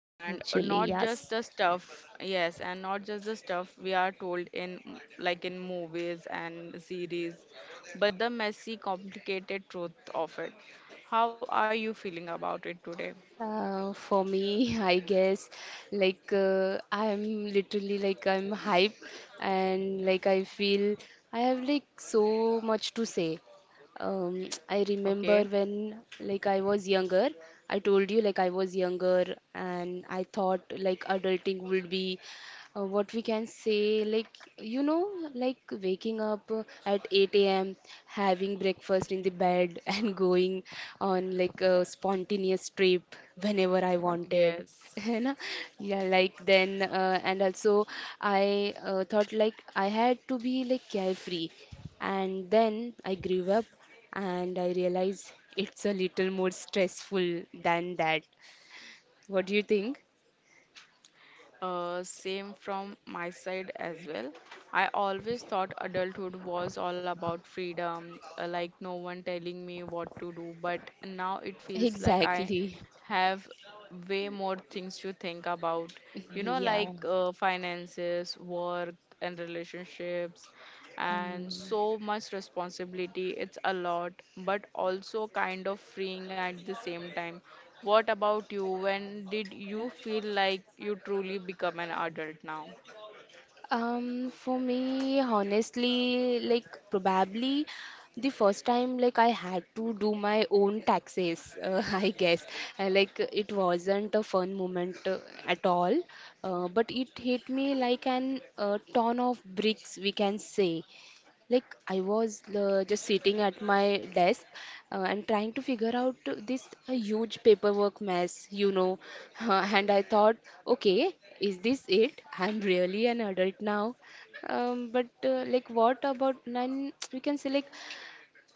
And Actually, not just yes. the stuff, yes, and not just the stuff we are told in like in movies and series, but the messy, complicated truth of it. How are you feeling about it today? For me, I guess, like I'm literally, like, I'm hype, and, like, I feel I have, like, so much to say. I Okay. remember when, like, I was younger, I told you, like, I was younger, and I thought, like, adulting would be what we can say, like, you know, like, waking up at 8 a.m. having breakfast in the bed and going on, like, a spontaneous trip whenever I wanted. Yes. you know yeah, like, then and also, I thought, like, I had to be, like, carefree. And then I grew up and I realized it's a little more stressful than that. What do you think? Same from my side as well. I always thought adulthood was all about freedom, like no one telling me what to do, but now it feels like I Exactly. have way more things to think about, you know, Yeah. like finances, work, and relationships and Mm. so much responsibility. It's a lot, but also kind of freeing at the same time. What about you? When did you feel like you truly become an adult now? For me, honestly, like, probably the first time, like, I had to do my own taxes, I guess. Like, it wasn't a fun moment at all, but it hit me like an ton of bricks, we can say. Like, I was just sitting at my desk and trying to figure out this huge paperwork mess. And I thought, okay, is this it? I'm really an adult now. But like, what about none? We can say, like,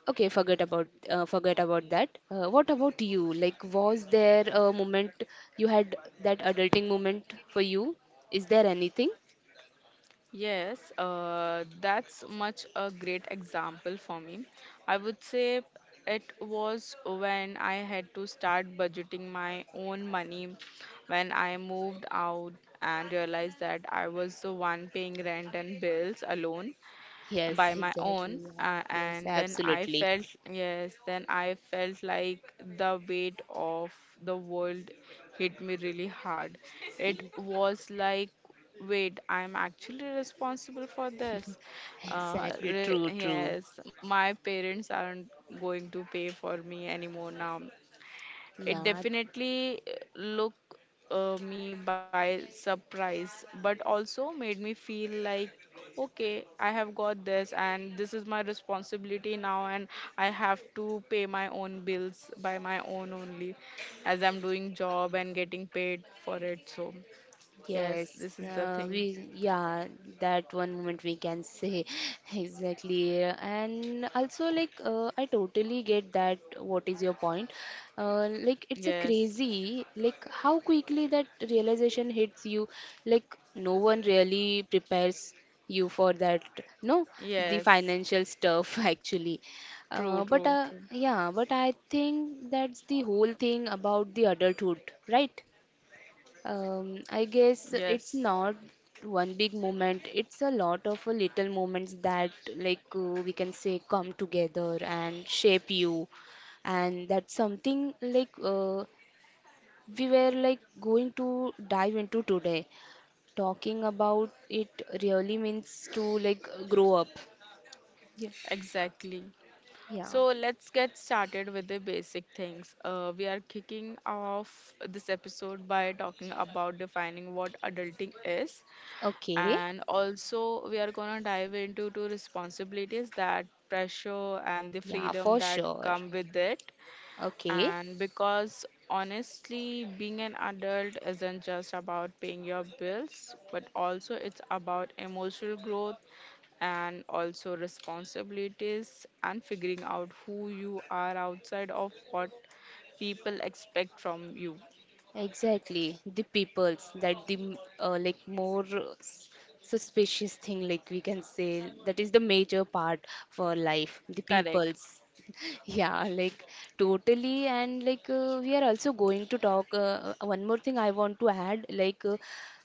okay, forget about that. What about you? Like, was there a moment you had that adulting moment for you? Is there anything? Yes, that's much a great example for me. I would say it was when I had to start budgeting my own money when I moved out and realized that I was the one paying rent and bills alone. Yes, By my own, exactly. Yes, yes, and then I absolutely. felt, yes, then I felt like the weight of the world hit me really hard. It was like, wait, I'm actually responsible for this. Exactly, true, true. Yes, my parents aren't going to pay for me anymore now. It Yeah. definitely look me by surprise, but also made me feel like, okay, I have got this, and this is my responsibility now, and I have to pay my own bills by my own only, as I'm doing job and getting paid for it. So yes, Yes, this is the thing. we yeah, that one moment, we can say, exactly. And also, like I totally get that. What is your point? Like, it's a Yes, crazy, like, how quickly that realization hits you. Like, no one really prepares you for that. No, the yes, financial stuff actually. True, But true, true. yeah, but I think that's the whole thing about the adulthood, right? I guess it's Yes, not one big moment. It's a lot of little moments that, like, we can say, come together and shape you. And that's something, like we were, like, going to dive into today. Talking about it really means to, like, grow up. Yeah. exactly. Yeah. So let's get started with the basic things. We are kicking off this episode by talking about defining what adulting is, Okay. and also we are gonna dive into two responsibilities that pressure and the Yeah, freedom for that sure. come with it. Okay. And because honestly, being an adult isn't just about paying your bills, but also it's about emotional growth, and also responsibilities and figuring out who you are outside of what people expect from you. Exactly, the peoples that like, more suspicious thing, like, we can say that is the major part for life, the Correct. peoples. Yeah, like, totally. And, like we are also going to talk. One more thing I want to add, like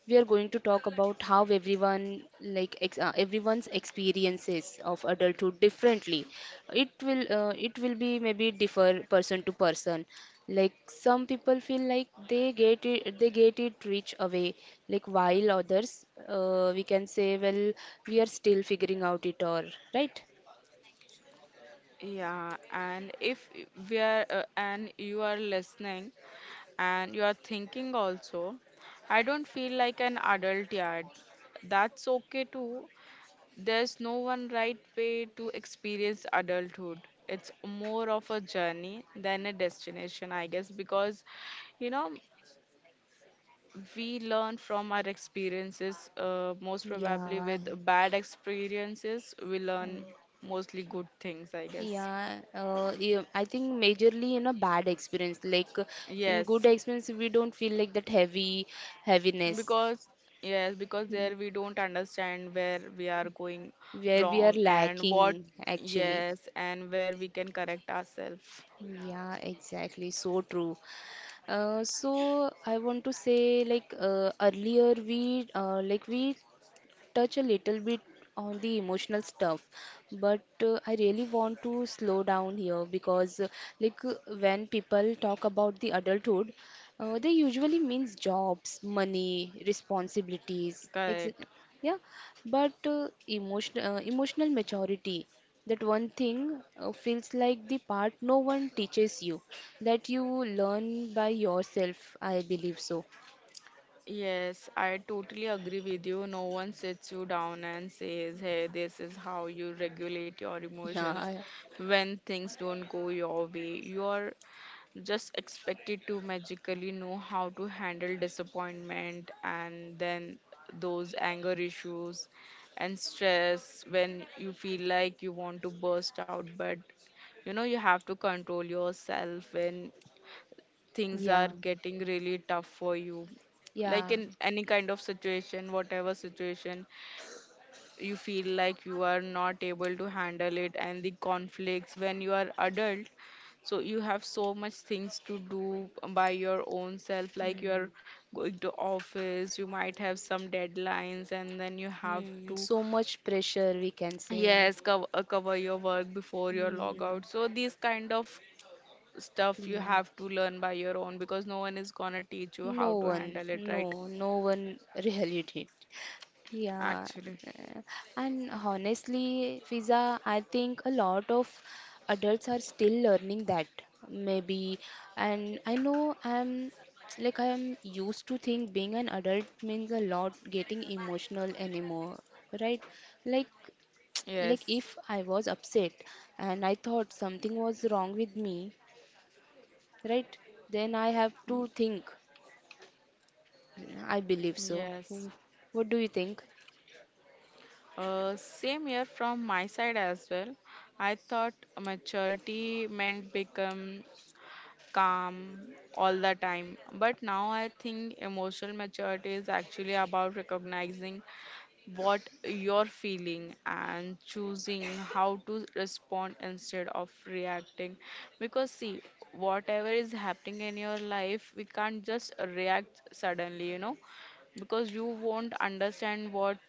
we are going to talk about how everyone, like ex everyone's experiences of adulthood differently. It will be, maybe, differ person to person. Like, some people feel like they get it rich away. Like, while others, we can say, well, we are still figuring out it all, right? Yeah, and if and you are listening and you are thinking also, I don't feel like an adult yet. That's okay too. There's no one right way to experience adulthood. It's more of a journey than a destination, I guess, because you know we learn from our experiences, most probably Yeah. with bad experiences we learn mostly good things, I guess. Yeah, yeah, I think majorly in a bad experience. Like in Yes, good experience, we don't feel like that heavy heaviness because yes, because there we don't understand where we are going where we are wrong. And what lacking, actually. Yes, and where we can correct ourselves. Yeah, exactly. So true. So, I want to say, like earlier we touch a little bit on the emotional stuff, but I really want to slow down here because, when people talk about the adulthood, they usually means jobs, money, responsibilities, Correct. yeah. But emotional maturity, that one thing feels like the part no one teaches you, that you learn by yourself. I believe so. Yes, I totally agree with you. No one sits you down and says, hey, this is how you regulate your Yeah. emotions when things don't go your way. You are just expected to magically know how to handle disappointment and then those anger issues and stress when you feel like you want to burst out, but you know you have to control yourself when things are Yeah, getting really tough for you, like yeah. in any kind of situation, whatever situation you feel like you are not able to handle it, and the conflicts when you are adult. So you have so much things to do by your own self. Like, you are Hmm. going to office, you might have some deadlines, and then you have Mm, to, so much pressure, we can say. yes, cover your work before your Mm, logout. So these kind of stuff you yeah. have to learn by your own, because no one is gonna teach you how No to one, handle it, right? no, no one really did. Yeah. Actually, uh, And honestly, Fiza, I think a lot of adults are still learning that, maybe. And I know I am used to think being an adult means a lot getting emotional anymore, right? Like like, yes. if I was upset and I thought something was wrong with me, right? Then I have to Mm, think, I believe so. yes. What do you think? Same here from my side as well. I thought maturity meant become calm all the time, but now I think emotional maturity is actually about recognizing what you're feeling and choosing how to respond instead of reacting, because see, whatever is happening in your life, we can't just react suddenly, you know, because you won't understand what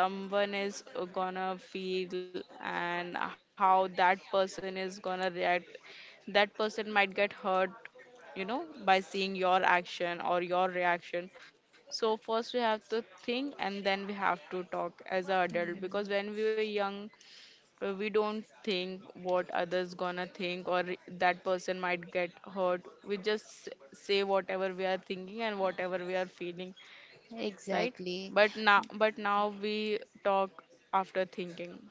someone is gonna feel and how that person is gonna react. That person might get hurt, you know, by seeing your action or your reaction. So first we have to think and then we have to talk as an adult, because when we were young, we don't think what others gonna think or that person might get hurt. We just say whatever we are thinking and whatever we are feeling, right? Exactly. But now, we talk after thinking.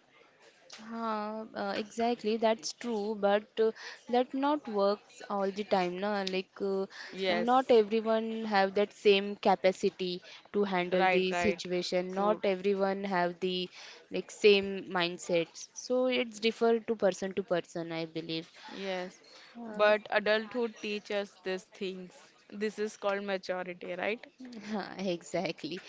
Huh, exactly, that's true, but that not works all the time, na? Like, not Yes, everyone have that same capacity to handle right, the right, situation. Not true. everyone have the, like, same mindsets. So it's differ to person, I believe. Yes, Uh, but adulthood teaches these things. This is called maturity, right? exactly.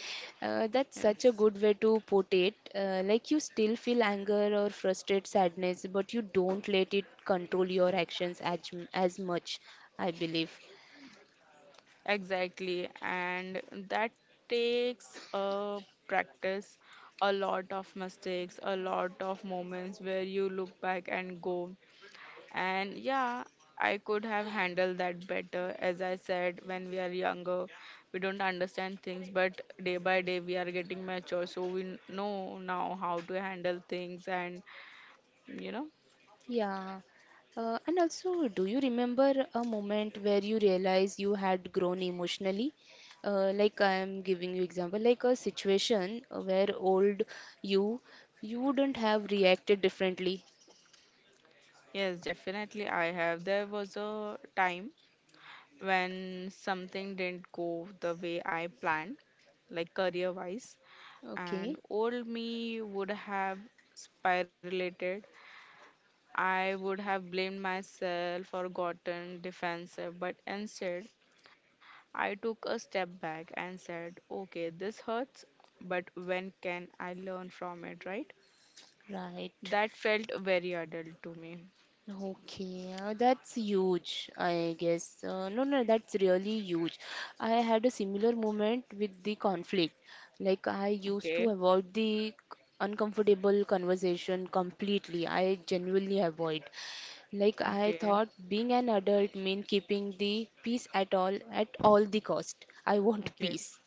That's such a Yes, good way to put it. Like, you still feel anger or frustrated sadness, but you don't let it control your actions as much, I believe. exactly, and that takes a practice, a lot of mistakes, a lot of moments where you look back and go, and yeah, I could have handled that better. As I said, when we are younger, we don't understand things, but day by day we are getting mature, so we know now how to handle things. And you know, Yeah. And also, do you remember a moment where you realize you had grown emotionally? Like, I am giving you example, like, a situation where old you you wouldn't have reacted differently. yes, definitely I have. There was a time when something didn't go the way I planned, like career wise, and Okay, old me would have spiraled. I would have blamed myself or gotten defensive, but instead, I took a step back and said, okay, this hurts, but when can I learn from it, right? right. That felt very adult to me. Okay, that's huge, I guess. No, no, that's really huge. I had a similar moment with the conflict. Like, I used to Okay, avoid the uncomfortable conversation completely. I genuinely avoid. Like, I okay, thought being an adult meant keeping the peace at all the cost. I want okay. peace.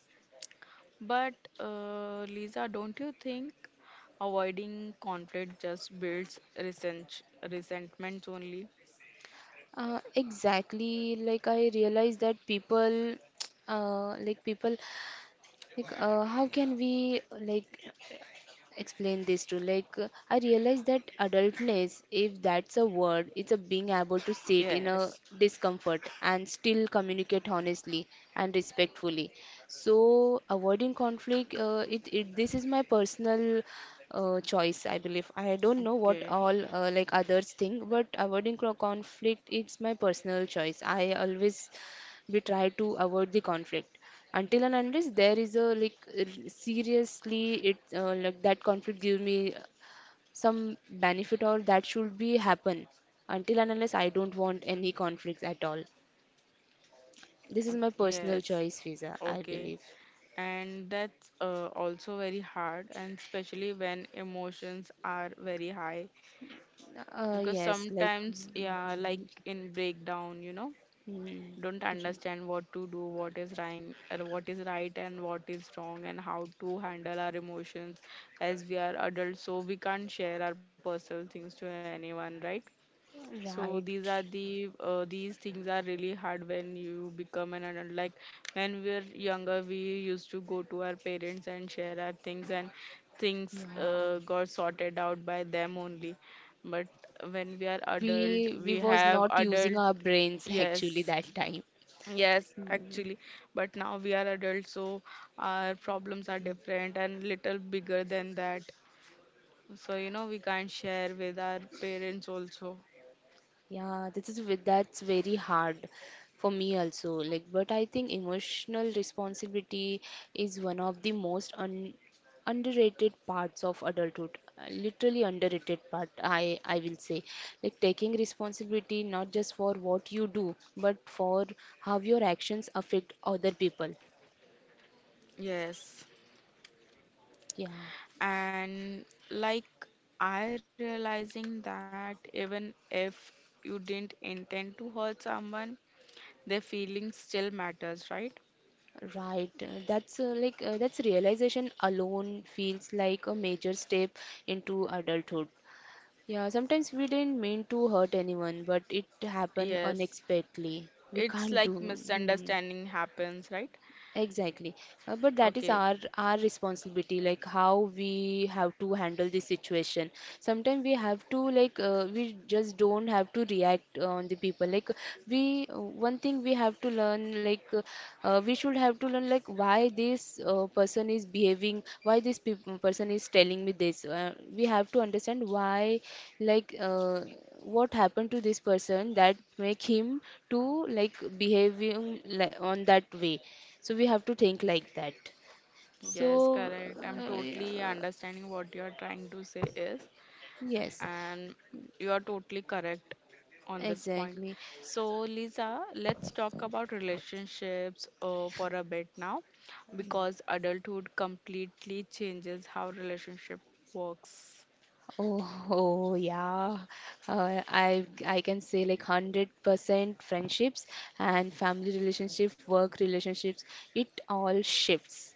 But, Lisa, don't you think avoiding conflict just builds resentment only? Exactly. Like, I realized that people, uh, like, people like how can we, like, explain this to, like I realize that adultness, if that's a word, it's a being able to sit Yes. in a discomfort and still communicate honestly and respectfully. So, avoiding conflict, it, this is my personal choice, I believe. I don't know what Okay. all like, others think, but avoiding conflict, it's my personal choice. I always We try to avoid the conflict until and unless there is a, like, seriously, it like, that conflict gives me some benefit, or that should be happen. Until and unless, I don't want any conflicts at all. This is my personal Yes. choice, Fiza, I Okay. believe. And that's also very hard, and especially when emotions are very high, because Yes, like, sometimes, yeah, like in breakdown, you know, don't understand what to do, what is right, or what is right and what is wrong, and how to handle our emotions, as we are adults, so we can't share our personal things to anyone, right? So these right. are the, these things are really hard when you become an adult. Like when we were younger, we used to go to our parents and share our things, and things, Yeah. Got sorted out by them only. But when we are adult, We we was have not using adult. our brains, Yes, actually, that time. yes, actually. But now we are adults, so our problems are different and little bigger than that. So you know we can't share with our parents also. Yeah, that's very hard for me also. Like, but I think emotional responsibility is one of the most un underrated parts of adulthood. Literally underrated part, I will say. Like, taking responsibility not just for what you do, but for how your actions affect other people. Yes. Yeah. And, like, I realizing that even if you didn't intend to hurt someone, their feelings still matters, right? Right. That's realization alone feels like a major step into adulthood. Yeah, sometimes we didn't mean to hurt anyone, but it happened Yes, unexpectedly. We it's can't do. like Hmm. misunderstanding happens, right? Exactly. But that is Okay, our responsibility, like, how we have to handle this situation. Sometimes we have to, like we just don't have to react on the people. Like we one thing we have to learn, like we should have to learn, like, why this person is behaving, why this person is telling me this. We have to understand why, like what happened to this person that make him to, like, behaving, like, on that way. So we have to think like that. yes, So, correct, I'm yeah, totally understanding what you're trying to say is, yes, and you are totally correct on this point. exactly. So, Lisa, let's talk about relationships for a bit now, because adulthood completely changes how relationship works. Oh, oh, yeah. I can say, like, 100% friendships and family relationship, work relationships, it all shifts.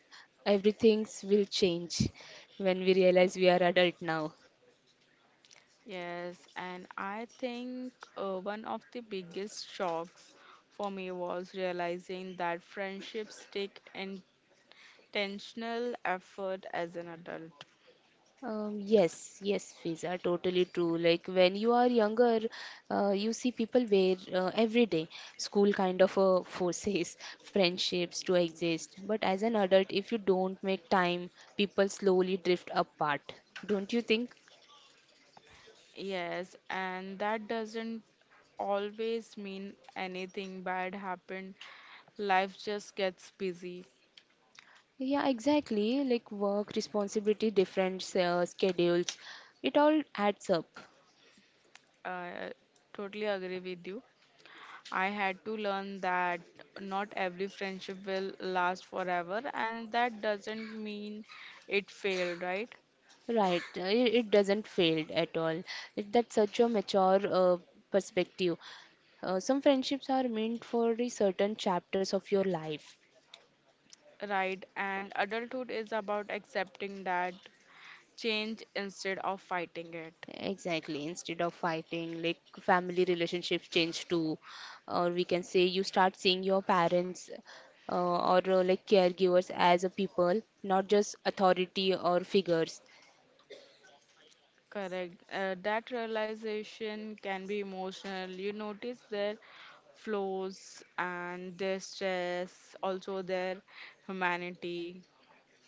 Everything's will change when we realize we are adult now. Yes, and I think one of the biggest shocks for me was realizing that friendships take intentional effort as an adult. Yes, yes, Fiza, totally true. Like, when you are younger, you see people wear every day, school kind of forces friendships to exist. But as an adult, if you don't make time, people slowly drift apart. Don't you think? Yes, and that doesn't always mean anything bad happened. Life just gets busy. Yeah, exactly. Like, work, responsibility, different schedules, it all adds up. Uh, Totally agree with you. I had to learn that not every friendship will last forever, and that doesn't mean it failed, right? Right, it doesn't fail at all. That's such a mature perspective. Some friendships are meant for the certain chapters of your life. Right, and adulthood is about accepting that change instead of fighting it. Exactly. Instead of fighting, like, family relationships change too, or we can say, you start seeing your parents or, like, caregivers as a people, not just authority or figures. Correct. That realization can be emotional. You notice their flaws and their stress, also their humanity.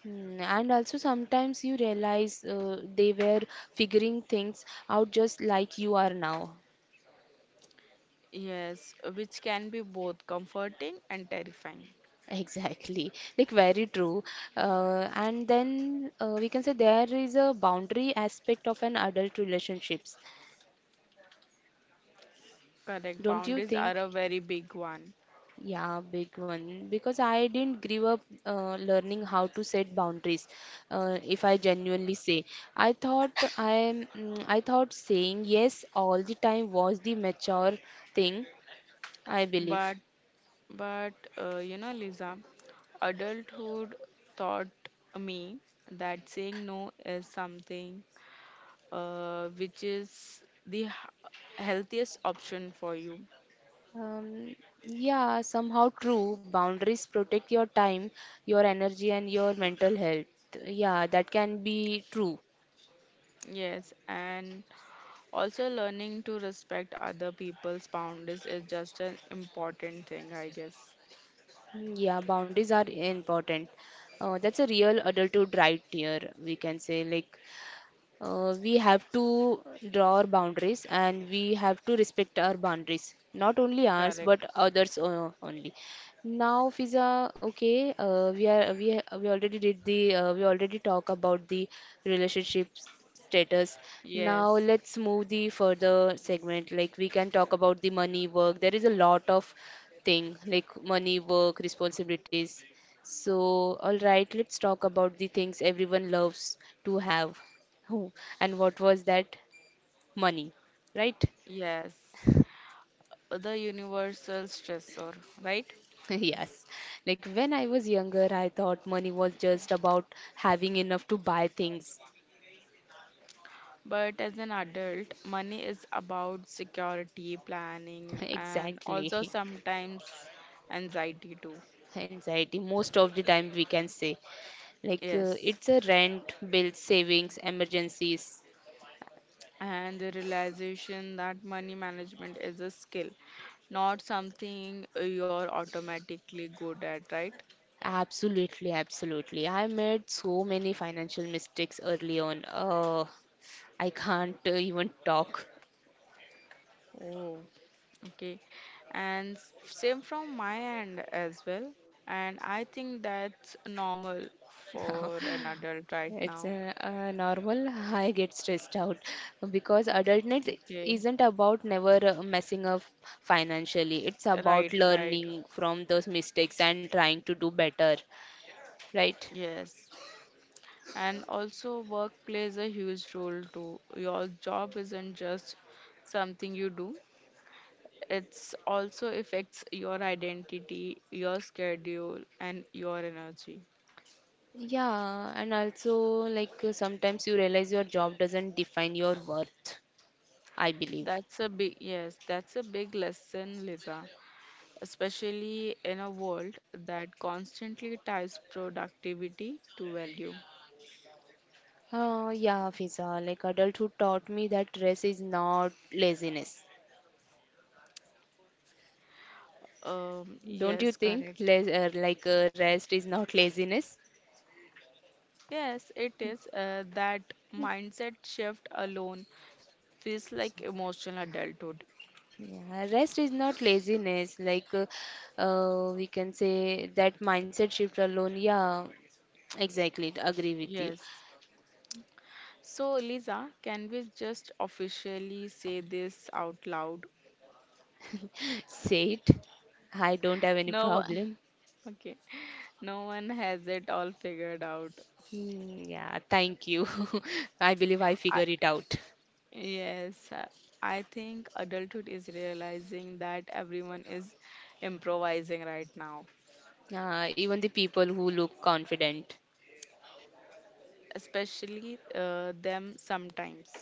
Mm. And also, sometimes you realize they were figuring things out just like you are now. Yes, which can be both comforting and terrifying. Exactly, like, very true. And then we can say there is a boundary aspect of an adult relationships, Correct. don't you Boundaries think? are a very big one. Yeah, big one. Because I didn't grow up learning how to set boundaries. If I genuinely say, I thought I thought saying yes all the time was the mature thing, I believe. But, but, you know, Lisa, adulthood taught me that saying no is something which is the healthiest option for you. Um, yeah, somehow true. Boundaries protect your time, your energy, and your mental health. Yeah, that can be true. Yes, and also learning to respect other people's boundaries is just an important thing, I guess. Mm, yeah, boundaries are important. That's a real adulthood right here, we can say. Like, we have to draw our boundaries and we have to respect our boundaries, not only ours Correct. but others only. Now, Fiza, okay, we are we already did the we already talk about the relationship status. Now Yes, let's move the further segment. Like, we can talk about the money, work. There is a lot of thing like money, work, responsibilities. So, all right, let's talk about the things everyone loves to have. Who and what was that? Money, right? yes. The universal stressor, right? Yes. Like when I was younger, I thought money was just about having enough to buy things. But as an adult, money is about security, planning, and also Exactly. sometimes anxiety too. Anxiety, most of the time, we can say. Like Yes. it's a rent, bills, savings, emergencies. And the realization that money management is a skill, not something you're automatically good at, right? Absolutely, absolutely. I made so many financial mistakes early on. I can't even talk. Oh, okay, and same from my end as well. And I think that's normal for an adult right It's now. a normal. I get stressed out because adultness Okay, isn't about never messing up financially. It's about right, right. learning from those mistakes and trying to do better, right? Yes. And also, work plays a huge role too. Your job isn't just something you do, it's also affects your identity, your schedule, and your energy. Yeah, and also like sometimes you realize your job doesn't define your worth, I believe. Yes, that's a big lesson, Lisa, especially in a world that constantly ties productivity to value. Yeah, Fiza, like adulthood taught me that rest is not laziness. Don't you Yes, think? correct. Les like Rest is not laziness? Yes, it is. That mindset shift alone feels like emotional adulthood. Yeah, rest is not laziness. We can say that mindset shift alone. Yeah, exactly. Agree with you. Yes. So, Lisa, can we just officially say this out loud? Say it. I don't have any No, problem. okay. No one has it all figured out. Hmm, yeah, thank you. I believe I I, figure it out. yes, I think adulthood is realizing that everyone is improvising right now, Even the people who look confident. especially them sometimes.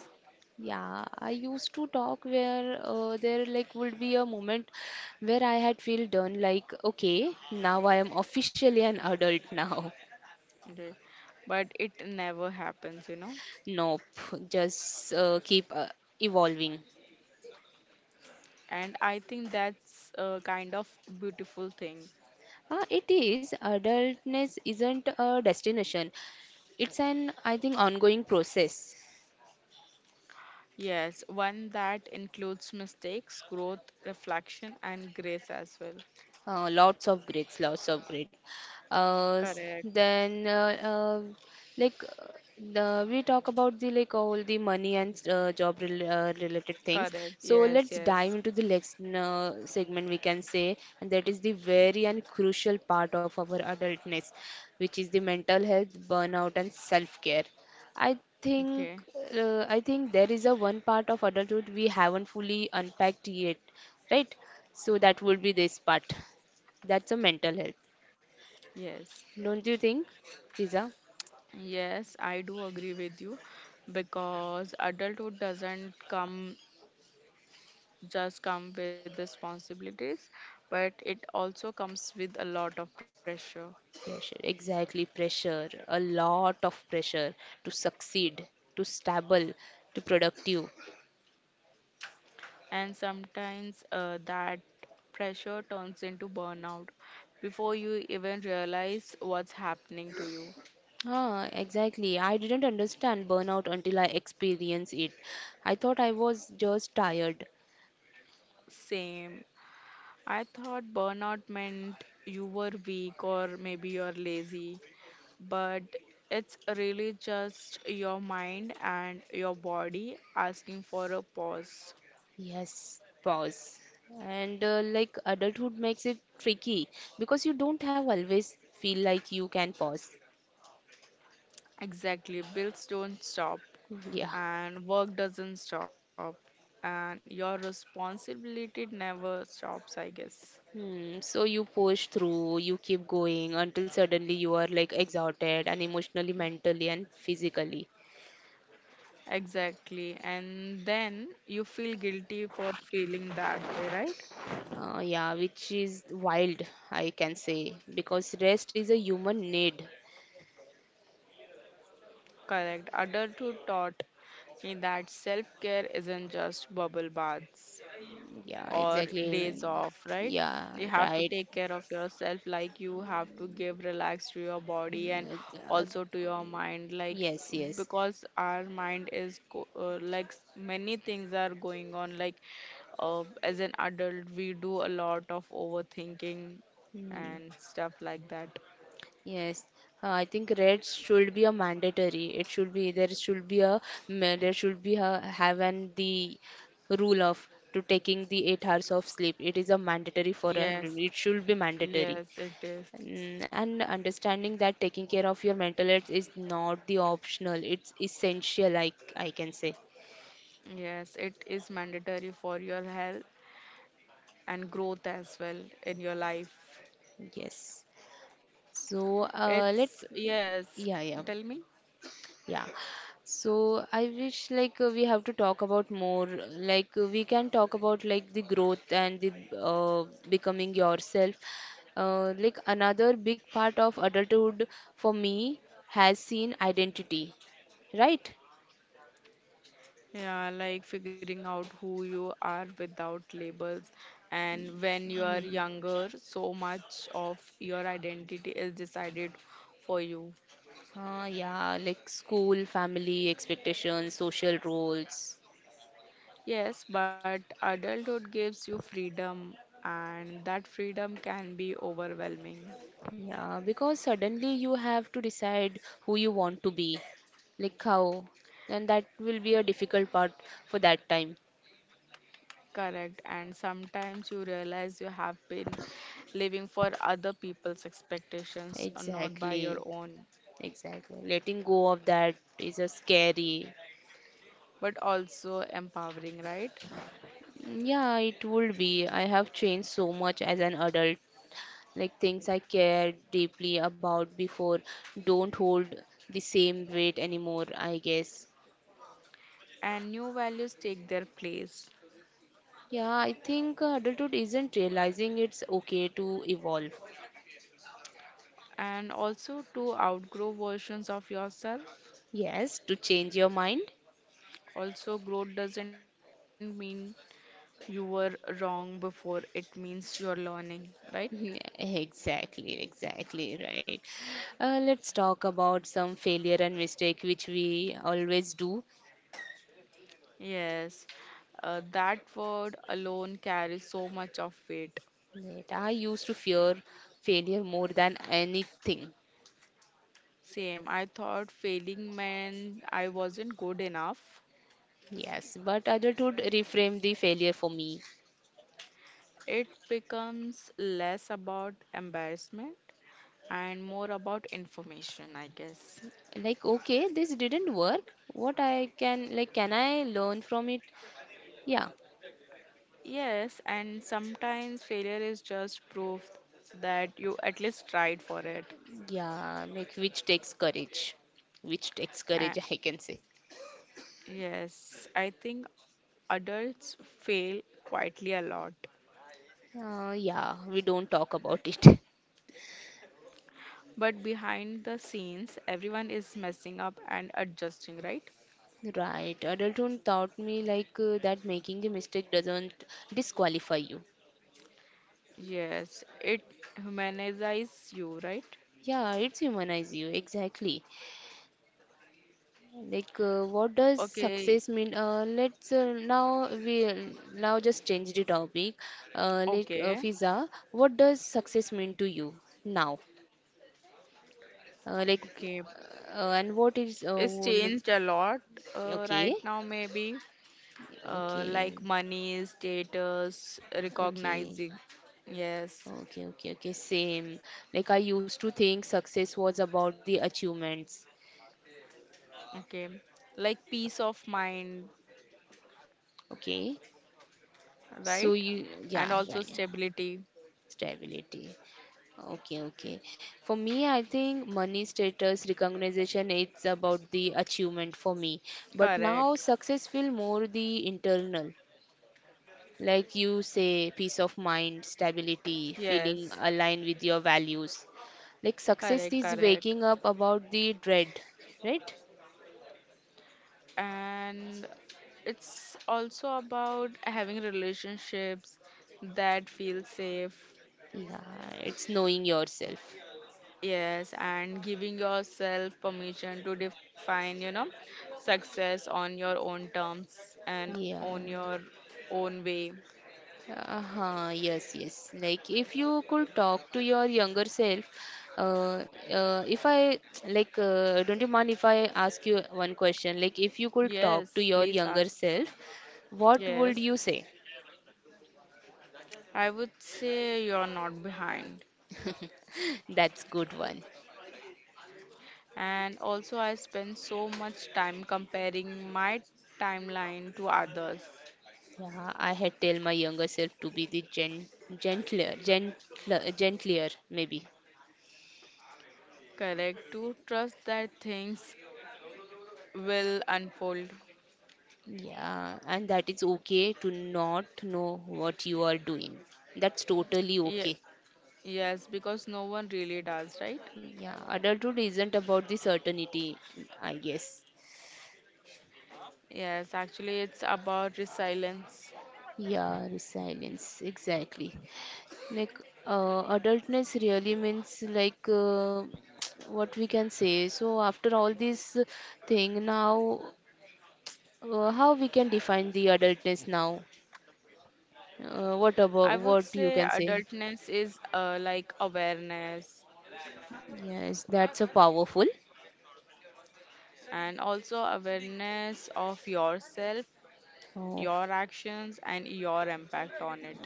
Yeah, I used to talk where there like would be a moment where I had feel done like okay, now I am officially an adult now. Okay. But it never happens. Nope, just keep evolving. And I think that's a kind of beautiful thing. It is adultness isn't a destination. It's an I think ongoing process. Yes, one that includes mistakes, growth, reflection, and grace as well. Lots of grades, lots of grade. Uh, s- Correct. then, uh, uh, like, uh, we talk about the like all the money and job rel related things. Correct. So Yes, let's yes. dive into the next segment we can say, and that is the very and crucial part of our adultness, which is the mental health, burnout, and self-care. I think Okay, I think there is a one part of adulthood we haven't fully unpacked yet, right? So that would be this part. That's a mental health, yes. don't you think, Fiza? Yes, I do agree with you, because adulthood doesn't come just come with responsibilities, but it also comes with a lot of pressure. Pressure, exactly. Pressure, a lot of pressure to succeed, to stable, to productive. And sometimes, that pressure turns into burnout before you even realize what's happening to you. Ah, exactly. I didn't understand burnout until I experienced it. I thought I was just tired. Same. I thought burnout meant you were weak or maybe you're lazy, but it's really just your mind and your body asking for a pause. Yes, pause. And like adulthood makes it tricky because you don't have always feel like you can pause. Exactly, bills don't stop, Yeah. and work doesn't stop, and your responsibility never stops, I guess. Hmm, so you push through, you keep going until suddenly you are like exhausted and emotionally, mentally, and physically. Exactly, and then you feel guilty for feeling that way, right? Yeah, which is wild, I can say, because rest is a human need. Correct. Adulthood taught me that self care isn't just bubble baths Yeah, or days exactly. off, right? Yeah, You have to right. take care of yourself, like you have to give relax to your body and Uh, also to your mind, like yes, yes. because our mind is go many things are going on. Like as an adult, we do a lot of overthinking Hmm. and stuff like that. Yes, I think red should be a mandatory. It should be there should be a ma- there should be a, have an The rule of to taking the 8 hours of sleep. It is a mandatory for Yes, everyone. It should be mandatory. yes, it is. Mm, and understanding that taking care of your mental health is not the optional. It's essential. I can say Yes, it is mandatory for your health and growth as well in your life. yes. So let's It's, yes, yeah yeah tell me. yeah. So I wish like we have to talk about more like we can talk about like the growth and the becoming yourself. Like another big part of adulthood for me has seen identity, right? Yeah, like figuring out who you are without labels. And when you are younger, so much of your identity is decided for you. Yeah, like school, family, expectations, social roles. Yes, but adulthood gives you freedom, and that freedom can be overwhelming. Yeah, because suddenly you have to decide who you want to be, like how, and that will be a difficult part for that time. Correct. And sometimes you realize you have been living for other people's expectations, not by Exactly, your own, exactly. Letting go of that is a scary. but also empowering, right? Yeah, it would be. I have changed so much as an adult. Like things I cared deeply about before don't hold the same weight anymore, I guess. And new values take their place. Yeah, I think adulthood isn't realizing it's okay to evolve. And also to outgrow versions of yourself. Yes, to change your mind. Also, growth doesn't mean you were wrong before, it means you're learning, right? Yeah, exactly, exactly right. Let's talk about some failure and mistake which we always do. Yes, that word alone carries so much of weight. Yet I used to fear failure more than anything. Same, I thought failing meant I wasn't good enough. Yes, but adulthood reframed the failure for me. It becomes less about embarrassment and more about information, I guess. Like, okay, this didn't work. What I can, like, can I learn from it? Yeah, Yes, and sometimes failure is just proof that you at least tried for it. yeah, like, which takes courage. Which takes Uh, courage, I can say. yes, I think adults fail quietly a lot. Yeah, we don't talk about it. But behind the scenes, everyone is messing up and adjusting, right? Right, adulthood taught me, like, that making the mistake doesn't disqualify you. Yes, it humanizes you, right? Yeah, it's humanize you, exactly. Like, what does Okay, success mean? Let's now we Now just change the topic. Okay, Fiza, what does success mean to you now? Like, okay. And what is It's like- changed a lot Okay, right now, maybe. Like okay, money, status, okay. recognizing. Yes, Okay, okay, okay, same. Like I used to think success was about the achievements. okay. Like peace of mind, Okay, right? so you, And also yeah, right. stability. Stability. Okay, okay. For me, I think money, status, recognition, it's about the achievement for me. But now Correct. success feel more the internal. Like you say, peace of mind, stability, feeling Yes, aligned with your values. Like success correct, is correct. waking up about the dread, right? And it's also about having relationships that feel safe. Yeah, it's knowing yourself. Yes, and giving yourself permission to define, you know, success on your own terms and Yeah. on your own way. Uh-huh, yes, yes. Like if you could talk to your younger self, uh, if I like, Don't you mind if I ask you one question? Like if you could talk to Yes, your please younger ask. self, what would Yes, you say? I would say you're not behind. That's good one. And also, I spend so much time comparing my timeline to others. Yeah, I had tell my younger self to be the gentler maybe. Correct, to trust that things will unfold. Yeah, and that is okay to not know what you are doing. That's totally Ye- okay. yes, because no one really does, right? Yeah, adulthood isn't about the certainty, I guess. Yes, actually, it's about resilience. Yeah, resilience, exactly. Like, adultness really means like what we can say. So after all this thing, now how we can define the adultness now? What I would about say what you can say? adultness is like awareness Yes, that's a powerful. and also awareness of yourself, Oh, your actions, and your impact on it.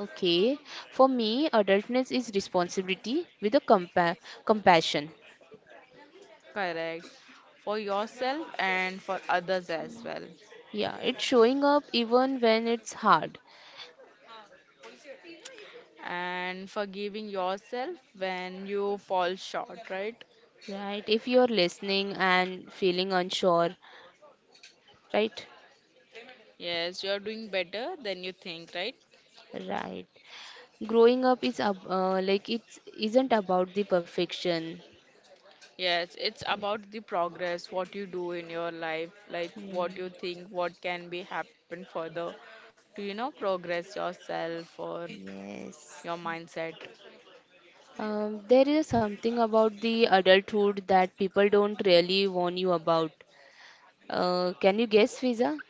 okay. For me, adultness is responsibility with a compassion. Correct. For yourself and for others as well. Yeah, it's showing up even when it's hard, And forgiving yourself when you fall short, right? right? If you're listening and feeling unsure, right? Yes, you are doing better than you think, right? Right. Growing up is ab- like it's isn't about the perfection. Yes, it's about the progress, what you do in your life, like what you think, what can be happen further to, you know, progress yourself or your Yes. mindset. There is something about the adulthood that people don't really warn you about. Can you guess, Fiza?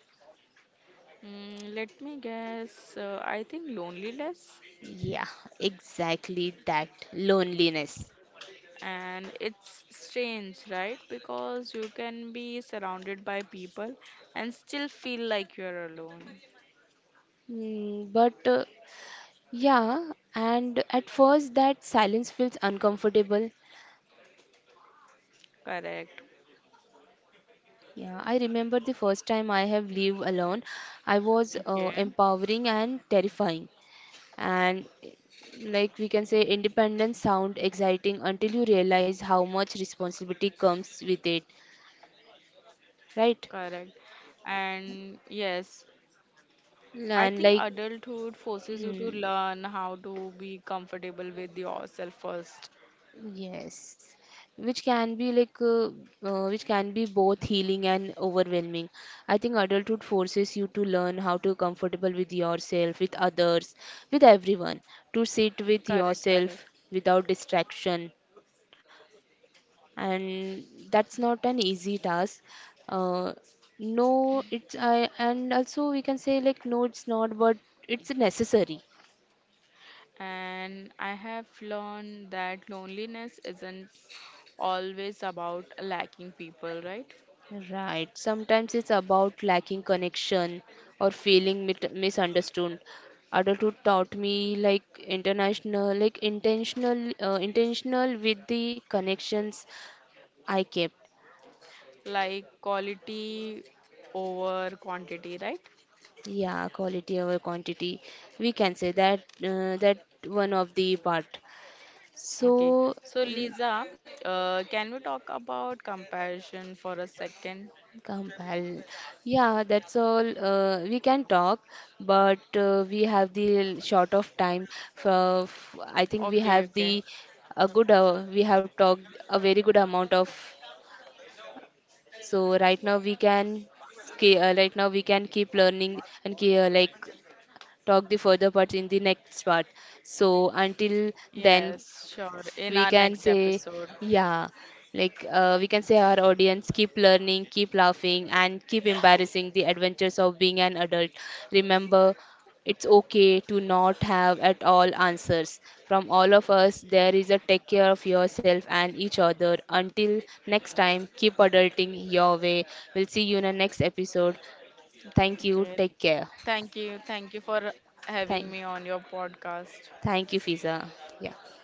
Mm, let me guess, I think loneliness. Yeah, exactly that. Loneliness. And it's strange, right? Because you can be surrounded by people and still feel like you're alone. Hmm, but yeah, and at first that silence feels uncomfortable. Correct. Yeah, I remember the first time I have lived alone. I was Okay, empowering and terrifying. And eh, like we can say, independence sound exciting until you realize how much responsibility comes with it, right? correct. And yes, I think And like, adulthood forces you to learn hmm, how to be comfortable with yourself first. yes, which can be like which can be both healing and overwhelming. I think adulthood forces you to learn how to comfortable with yourself, with others, with everyone, to sit with Correct, correct. yourself without distraction. And that's not an easy task. Uh, no, it's I and also we can say like no, it's not, but it's necessary. And I have learned that loneliness isn't always about lacking people, right? Right. Sometimes it's about lacking connection or feeling misunderstood. Adulthood taught me like intentional, intentional, with the connections I kept. Like quality over quantity, right? Yeah, quality over quantity. We can say that that one of the part. Okay. So. So, Mm, Lisa, can we talk about comparison for a second? compel. Yeah, that's all. We can talk, but we have the short of time. I think we Okay, have okay. the a good. We have talked a very good amount of. So right now we can. Right now we can keep learning and like talk the further parts in the next part. So until then, Yes, sure. In we our can next say episode. yeah like we can say our audience, keep learning, keep laughing, and keep embarrassing the adventures of being an adult. Remember, it's okay to not have at all answers. From all of us, there is a, take care of yourself and each other. Until next time, keep adulting your way. We'll see you in the next episode. Thank you. Okay, Take care. thank you. Thank you for having me on thank your podcast. thank you, Fiza. Yeah.